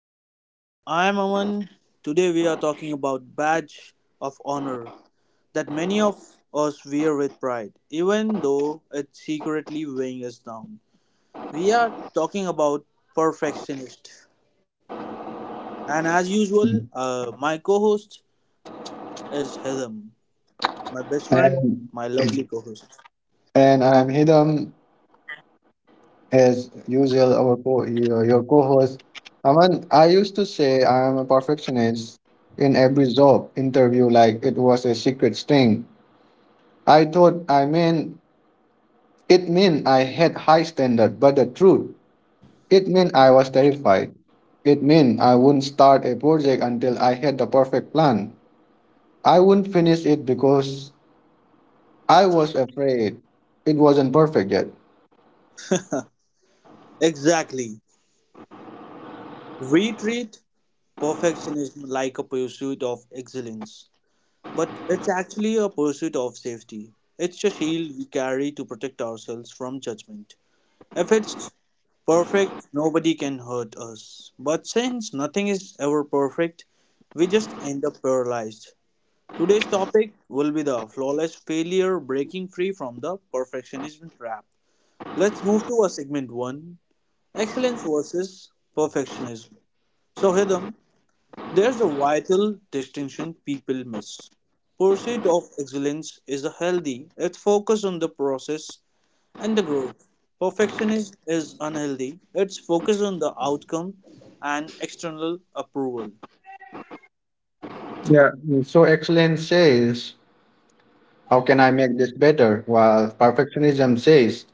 everyone. I am Aman. Today we are talking about badge of honor that many of us wear with pride, even though it's secretly weighing us down. We are talking about perfectionist, and as usual, Mm-hmm. My co-host is Hidam, my best friend, my lovely And co-host. and I'm Hidam, as usual, our co your co-host. Aman, I used to say I'm a perfectionist in every job interview, like it was a secret sting. I thought I mean it meant I had high standard, but the truth, it meant I was terrified. It meant I wouldn't start a project until I had the perfect plan. I wouldn't finish it because I was afraid it wasn't perfect yet. Exactly. We treat perfectionism like a pursuit of excellence, but it's actually a pursuit of safety. It's a shield we carry to protect ourselves from judgment. If it's perfect, nobody can hurt us. But since nothing is ever perfect, we just end up paralyzed. Today's topic will be the flawless failure breaking free from the perfectionism trap. Let's move to a segment one, excellence versus perfectionism. So, Hidam, there's a vital distinction people miss. Pursuit of excellence is a healthy, it focuses on the process and the growth. Perfectionism is unhealthy, it's focused on the outcome and external approval. Yeah. So excellence says, how can I make this better? While perfectionism says,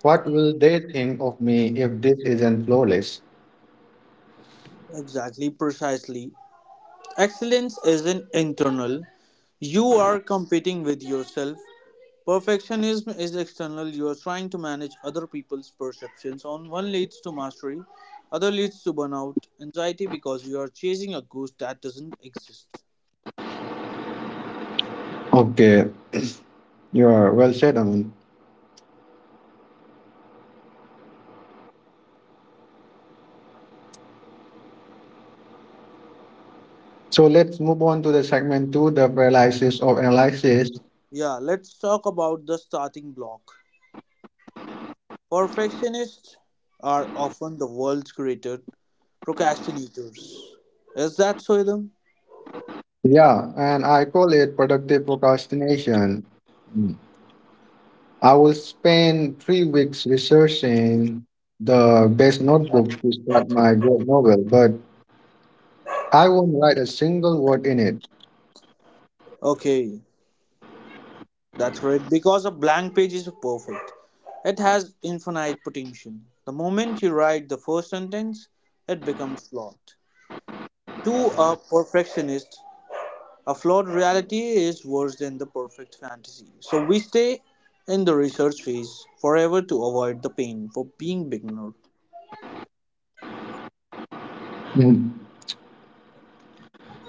what will they think of me if this isn't flawless? Exactly, precisely. Excellence isn't internal, you are competing with yourself. Perfectionism is external, you are trying to manage other people's perceptions. On one leads to mastery, other leads to burnout, anxiety because you are chasing a ghost that doesn't exist. Okay, you are well said, Amin. So let's move on to the segment two, the paralysis of analysis. Yeah, let's talk about the starting block. Perfectionists are often the world's greatest procrastinators. Is that so, Idam? Yeah, and I call it productive procrastination. Mm. I will spend 3 weeks researching the best notebook to start my great novel, but I won't write a single word in it. Okay, that's right. Because a blank page is perfect. It has infinite potential. The moment you write the first sentence, it becomes flawed. To a perfectionist, a flawed reality is worse than the perfect fantasy. So we stay in the research phase forever to avoid the pain for being beginner. Mm.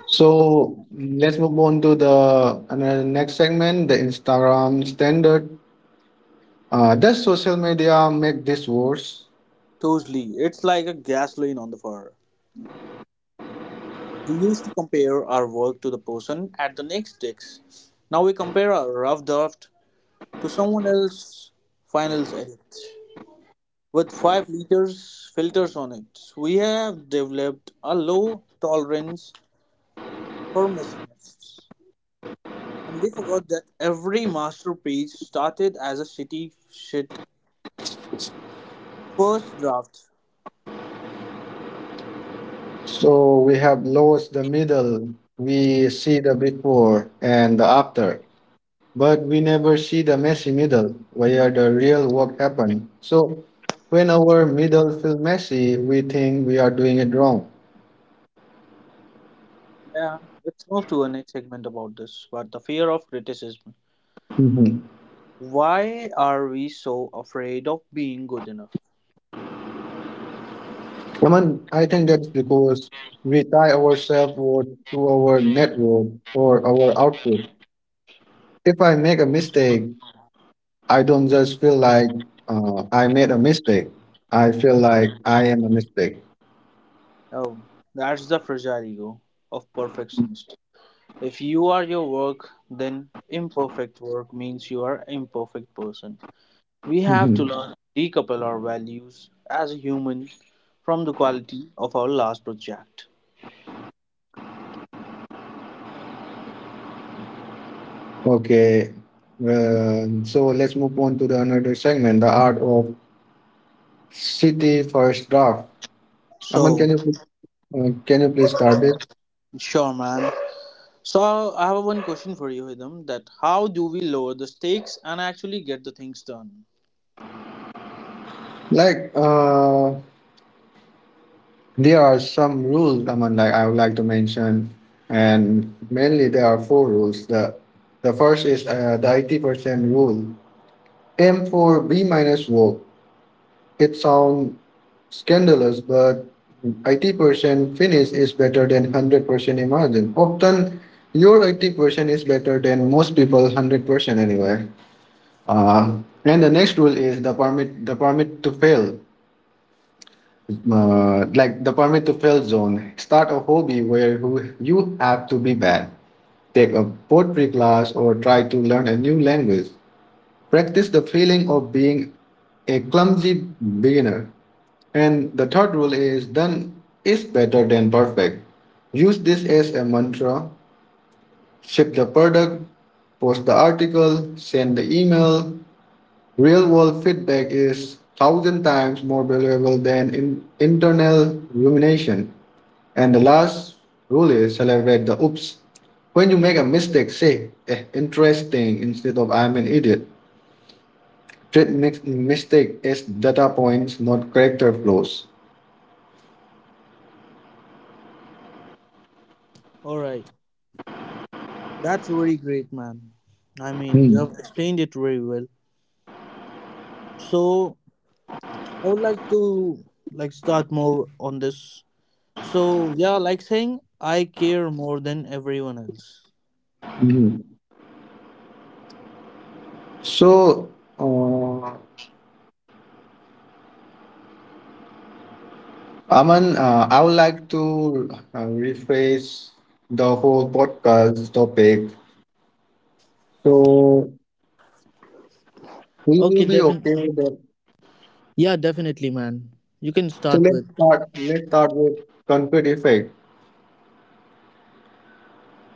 So let's move on to the another next segment, the Instagram standard. Does social media make this worse? Totally, it's like a gasoline on the fire. We used to compare our work to the person at the next desk. Now we compare our rough draft to someone else's finals edit. With 5 liters filters on it, we have developed a low tolerance for mishaps. And we forgot that every masterpiece started as a shitty shit first draft. So we have lost the middle. We see the before and the after, but we never see the messy middle where the real work happened. So when our middle feel messy, we think we are doing it wrong. Yeah, let's move to a next segment about this. But the fear of criticism. Mhm. Why are we so afraid of being good enough? Aman, I think that's because we tie our self worth to our net worth or our output. If I make a mistake, I don't just feel like I made a mistake. I feel like I am a mistake. Oh, that's the fragile ego of perfectionist. If you are your work, then imperfect work means you are imperfect person. We have to Mhm. learn to decouple our values as a human from the quality of our last project. Okay. Well, so let's move on to the another segment, the art of city first draft. Aman, So, can you please start this? sure, man. So, I have one question for you, Hidam, that how do we lower the stakes and actually get the things done? Like, uh, There are some rules, I mean, like I would like to mention, and mainly there are four rules. The first is the 80% rule. Aim for B minus work. It sounds scandalous, but 80% finish is better than 100% imagine. Often, your 80% is better than most people 100% anyway. Uh, and the next rule is the permit to fail. Like the permit to fail zone. Start a hobby where you have to be bad. Take a pottery class or try to learn a new language. Practice the feeling of being a clumsy beginner. And the third rule is done is better than perfect. Use this as a mantra. Ship the product, post the article, send the email. Real world feedback is thousand times more valuable than in internal rumination. And the last rule is celebrate the oops. When you make a mistake, say eh, interesting instead of I'm an idiot. Treat mistake as data points, not character flaws. All right. That's very great, man. I mean, Hmm. you have explained it very well. So, I would like to like start more on this. So yeah, like saying I care more than everyone else. Mhm. So, uh, Aman, I would like to rephrase the whole podcast topic. So, will Okay, you be definitely. okay with that? Yeah, definitely, man. You can So start let's with. start. Let's start with concrete effect.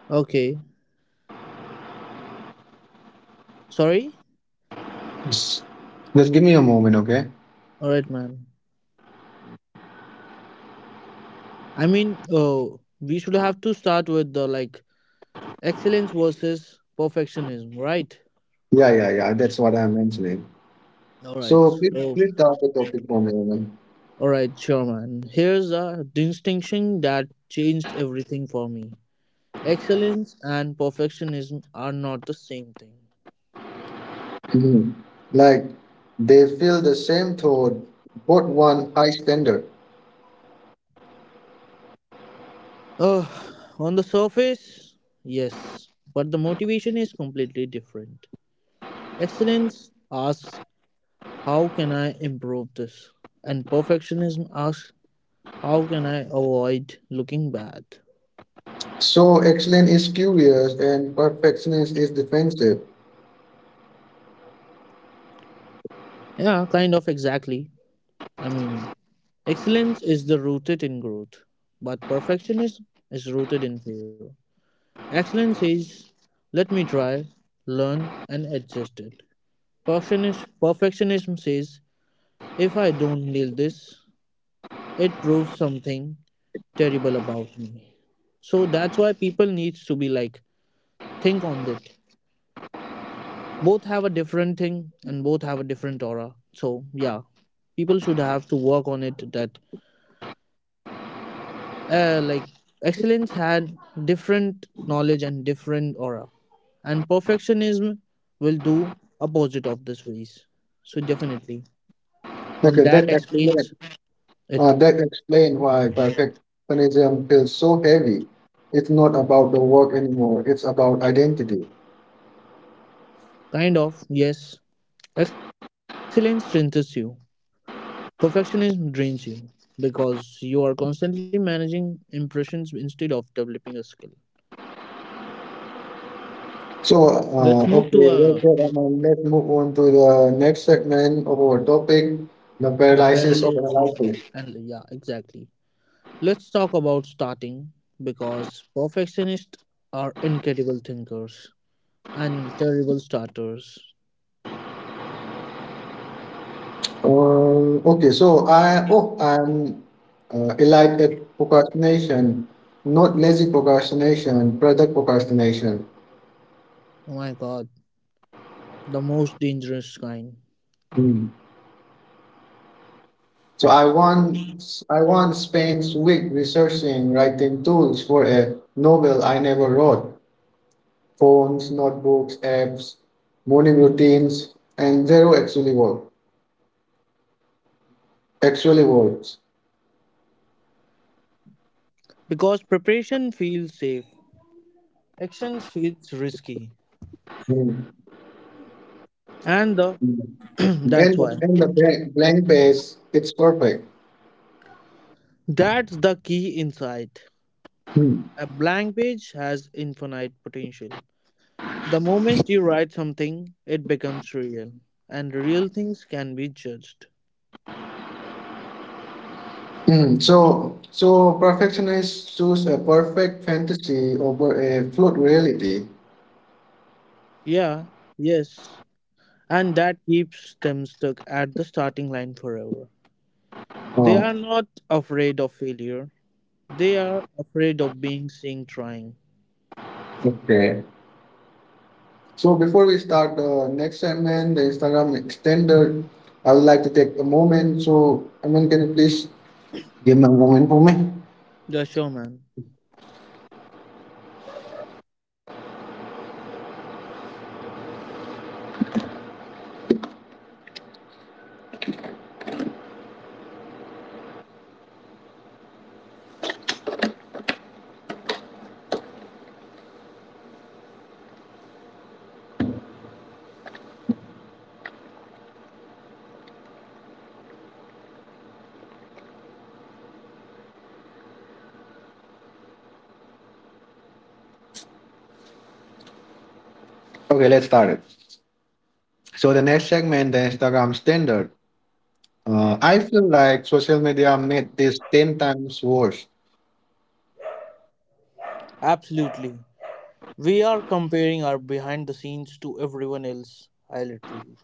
Okay. Sorry? S- Just give me a moment, okay? Alright, man. I mean, oh, we should have to start with the like excellence versus perfectionism, right? Yeah, yeah, yeah. That's what I'm mentioning. Alright. So please, So, please start the topic for me, woman. alright, sure, man. Here's a distinction that changed everything for me. Excellence and perfectionism are not the same thing. Mhm. Like they feel the same thought, but one high standard. Uh, on the surface, yes, but the motivation is completely different. Excellence asks, how can I improve this? And perfectionism asks, how can I avoid looking bad? So excellence is curious and perfectionist is defensive. Yeah, kind of exactly. I mean, excellence is the rooted in growth, but perfectionism is rooted in fear. Excellence is, let me try, learn, and adjust it. Perfectionism says, if I don't nail this, it proves something terrible about me. So that's why people needs to be like think on it. Both have a different thing and both have a different aura. So yeah, people should have to work on it. That like excellence had different knowledge and different aura, and perfectionism will do opposite of this ways. So definitely, and Okay, that explains it. that explain why perfectionism feels so heavy. It's not about the work anymore. It's about identity. Kind of yes, excellence strengthens you. Perfectionism drains you because you are constantly managing impressions instead of developing a skill. So, Let's move to okay, well said, Aman. Let's move on to the next segment of our topic, the the paralysis of paralysis of analysis. and yeah, exactly. Let's talk about starting because perfectionists are incredible thinkers and terrible starters. Okay, so I'm elite at procrastination, not lazy procrastination, product procrastination. Oh my god, the most dangerous kind. Hmm. So I once spent week researching writing tools for a novel I never wrote. Phones, notebooks, apps, morning routines, and zero actually work. Actually works. Because preparation feels safe, actions feels risky, Mm. and the And that's the, why and the blank page, it's perfect. that's the key insight. Mm. A blank page has infinite potential. The moment you write something, it becomes real, and real things can be judged. So perfectionists choose a perfect fantasy over a flawed reality. Yeah, yes, and that keeps them stuck at the starting line forever. They Oh, are not afraid of failure, they are afraid of being seen trying. okay. So before we start the next segment, the Instagram extender, I would like to take a moment. So I mean, can you please give me a moment for me? The showman. Okay, let's start it. So the next segment, the Instagram standard. I feel like social media made this 10 times worse. Absolutely. We are comparing our behind the scenes to everyone else. I literally.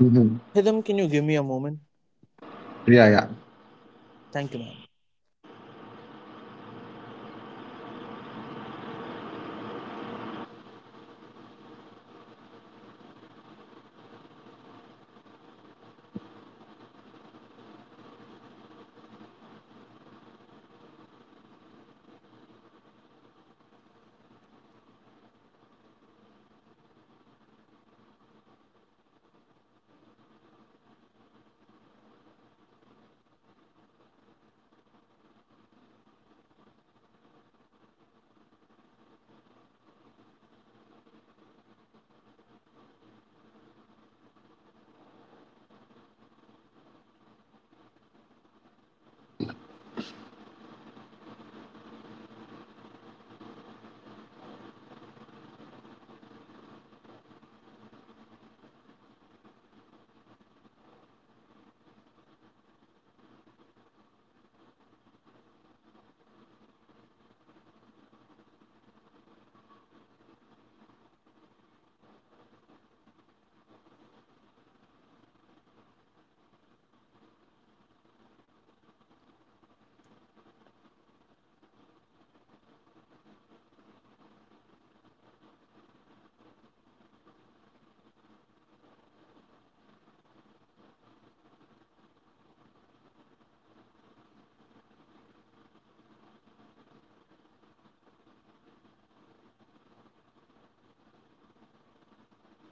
Mhm. Hidam, can you give me a moment? Yeah, yeah. Thank you, ma'am.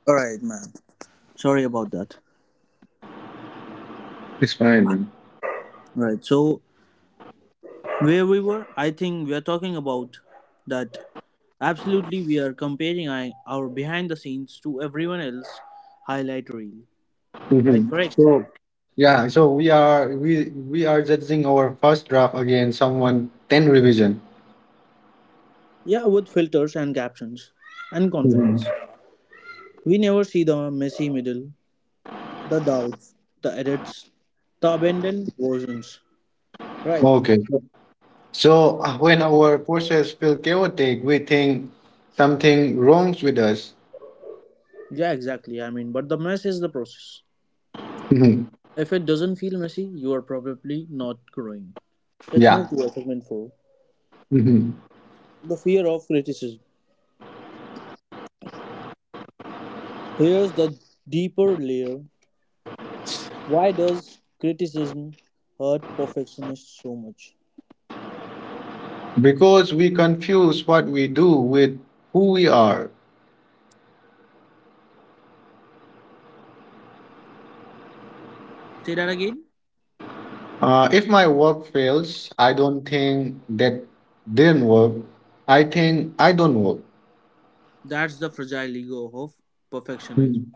All right, man. Sorry about that. It's fine, man. Right. So where we were, I think we are talking about that. Absolutely, we are comparing our behind the scenes to everyone else highlight reel. Right. Mhm. Correct. So, yeah, so we are judging our first draft against someone 10 revision. Yeah, with filters and captions and confidence. Mhm. We never see the messy middle, the doubts, the edits, the abandoned versions. Right. Okay. So, when our process feel chaotic, we think something wrongs with us. Yeah, exactly. I mean, but the mess is the process. Mhm. If it doesn't feel messy, you are probably not growing. Let's Yeah. move to our segment four, Mhm. the fear of criticism. Here's the deeper layer. Why does criticism hurt perfectionists so much? Because we confuse what we do with who we are. Say that again. If my work fails, I don't think that didn't work. I think I don't work. That's the fragile ego of perfectionism. Hmm.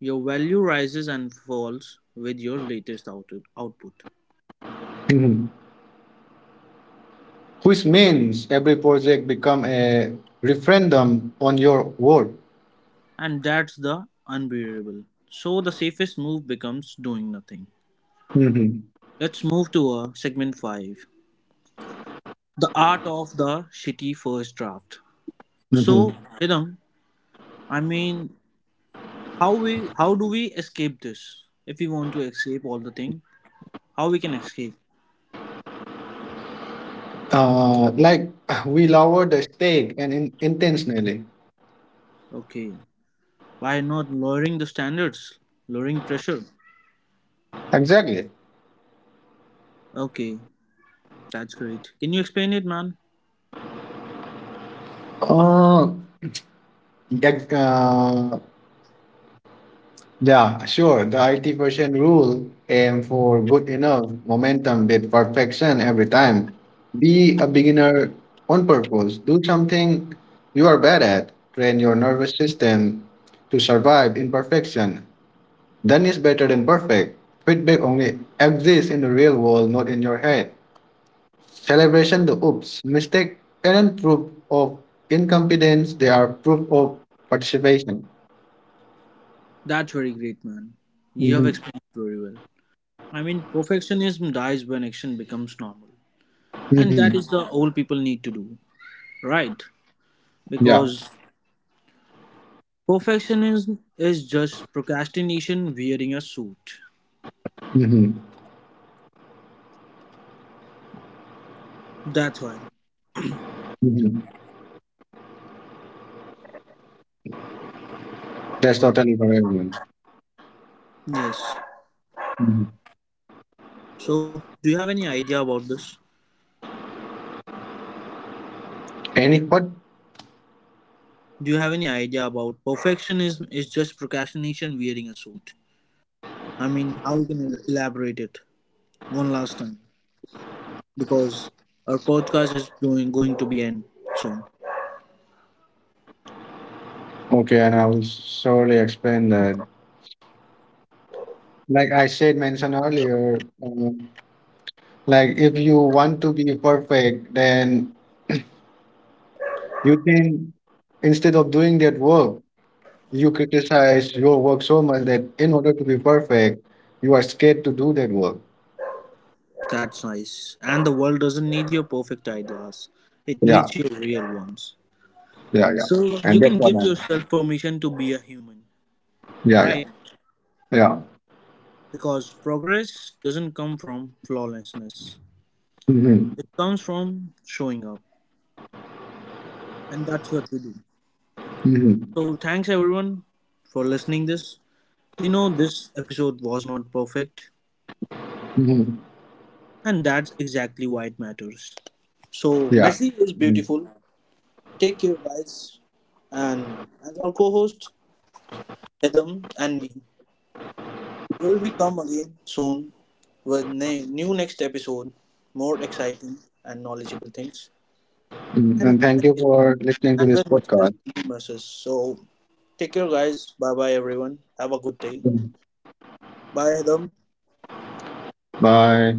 Your value rises and falls with your latest output. Mhm. Which means every project become a referendum on your work. And that's the unbearable. So the safest move becomes doing nothing. Mhm. Let's move to a segment 5. The art of the shitty first draft. So, Mhm. Idam, I mean, how do we escape this if we want to escape all the thing how we can escape. Like we lower the stake and intentionally. Okay, by not lowering the standards, lowering pressure. Exactly. Okay, that's great, can you explain it, man? Uh, ex- uh, Yeah, sure. The 80% rule aim for good enough momentum with perfection every time. Be a beginner on purpose. Do something you are bad at. Train your nervous system to survive imperfection. Done is better than perfect. Feedback only exists in the real world, not in your head. Celebration the oops, mistake aren't proof of incompetence, they are proof of participation. That's very great, man, you have Mhm, explained it very well. I mean, perfectionism dies when action becomes normal, and that mhm, is the all people need to do, right? yeah. Because perfectionism is just procrastination wearing a suit, Hmm. that's why. That's totally for everyone. Yes. Mhm. So do you have any idea about this? Any what? Do you have any idea about perfectionism is just procrastination wearing a suit? I mean, how you can elaborate it one last time? Because our podcast is doing going to be end soon. Okay, and I will surely explain that. Like I said, mentioned earlier, like if you want to be perfect, then you think instead of doing that work, you criticize your work so much that in order to be perfect, you are scared to do that work. That's nice. And the world doesn't need your perfect ideas. It Yeah, needs your real ones. yeah, yeah. So you And that's can what give I'm. yourself permission to be a human, Yeah, yeah, right? yeah. Because progress doesn't come from flawlessness. Hmm. It comes from showing up. And that's what we do. Hmm. So thanks everyone for listening this. We know this episode was not perfect, Hmm. and that's exactly why it matters. So Yeah. Messi is Mhm. beautiful. Take care guys, and as our co-host Hidam and me will we come again soon with new next episode, more exciting and knowledgeable things. Mhm. and And thank you for listening to and this with messes, podcast. new messes. So take care guys. Bye bye everyone. Have a good day. Bye Hidam. Bye.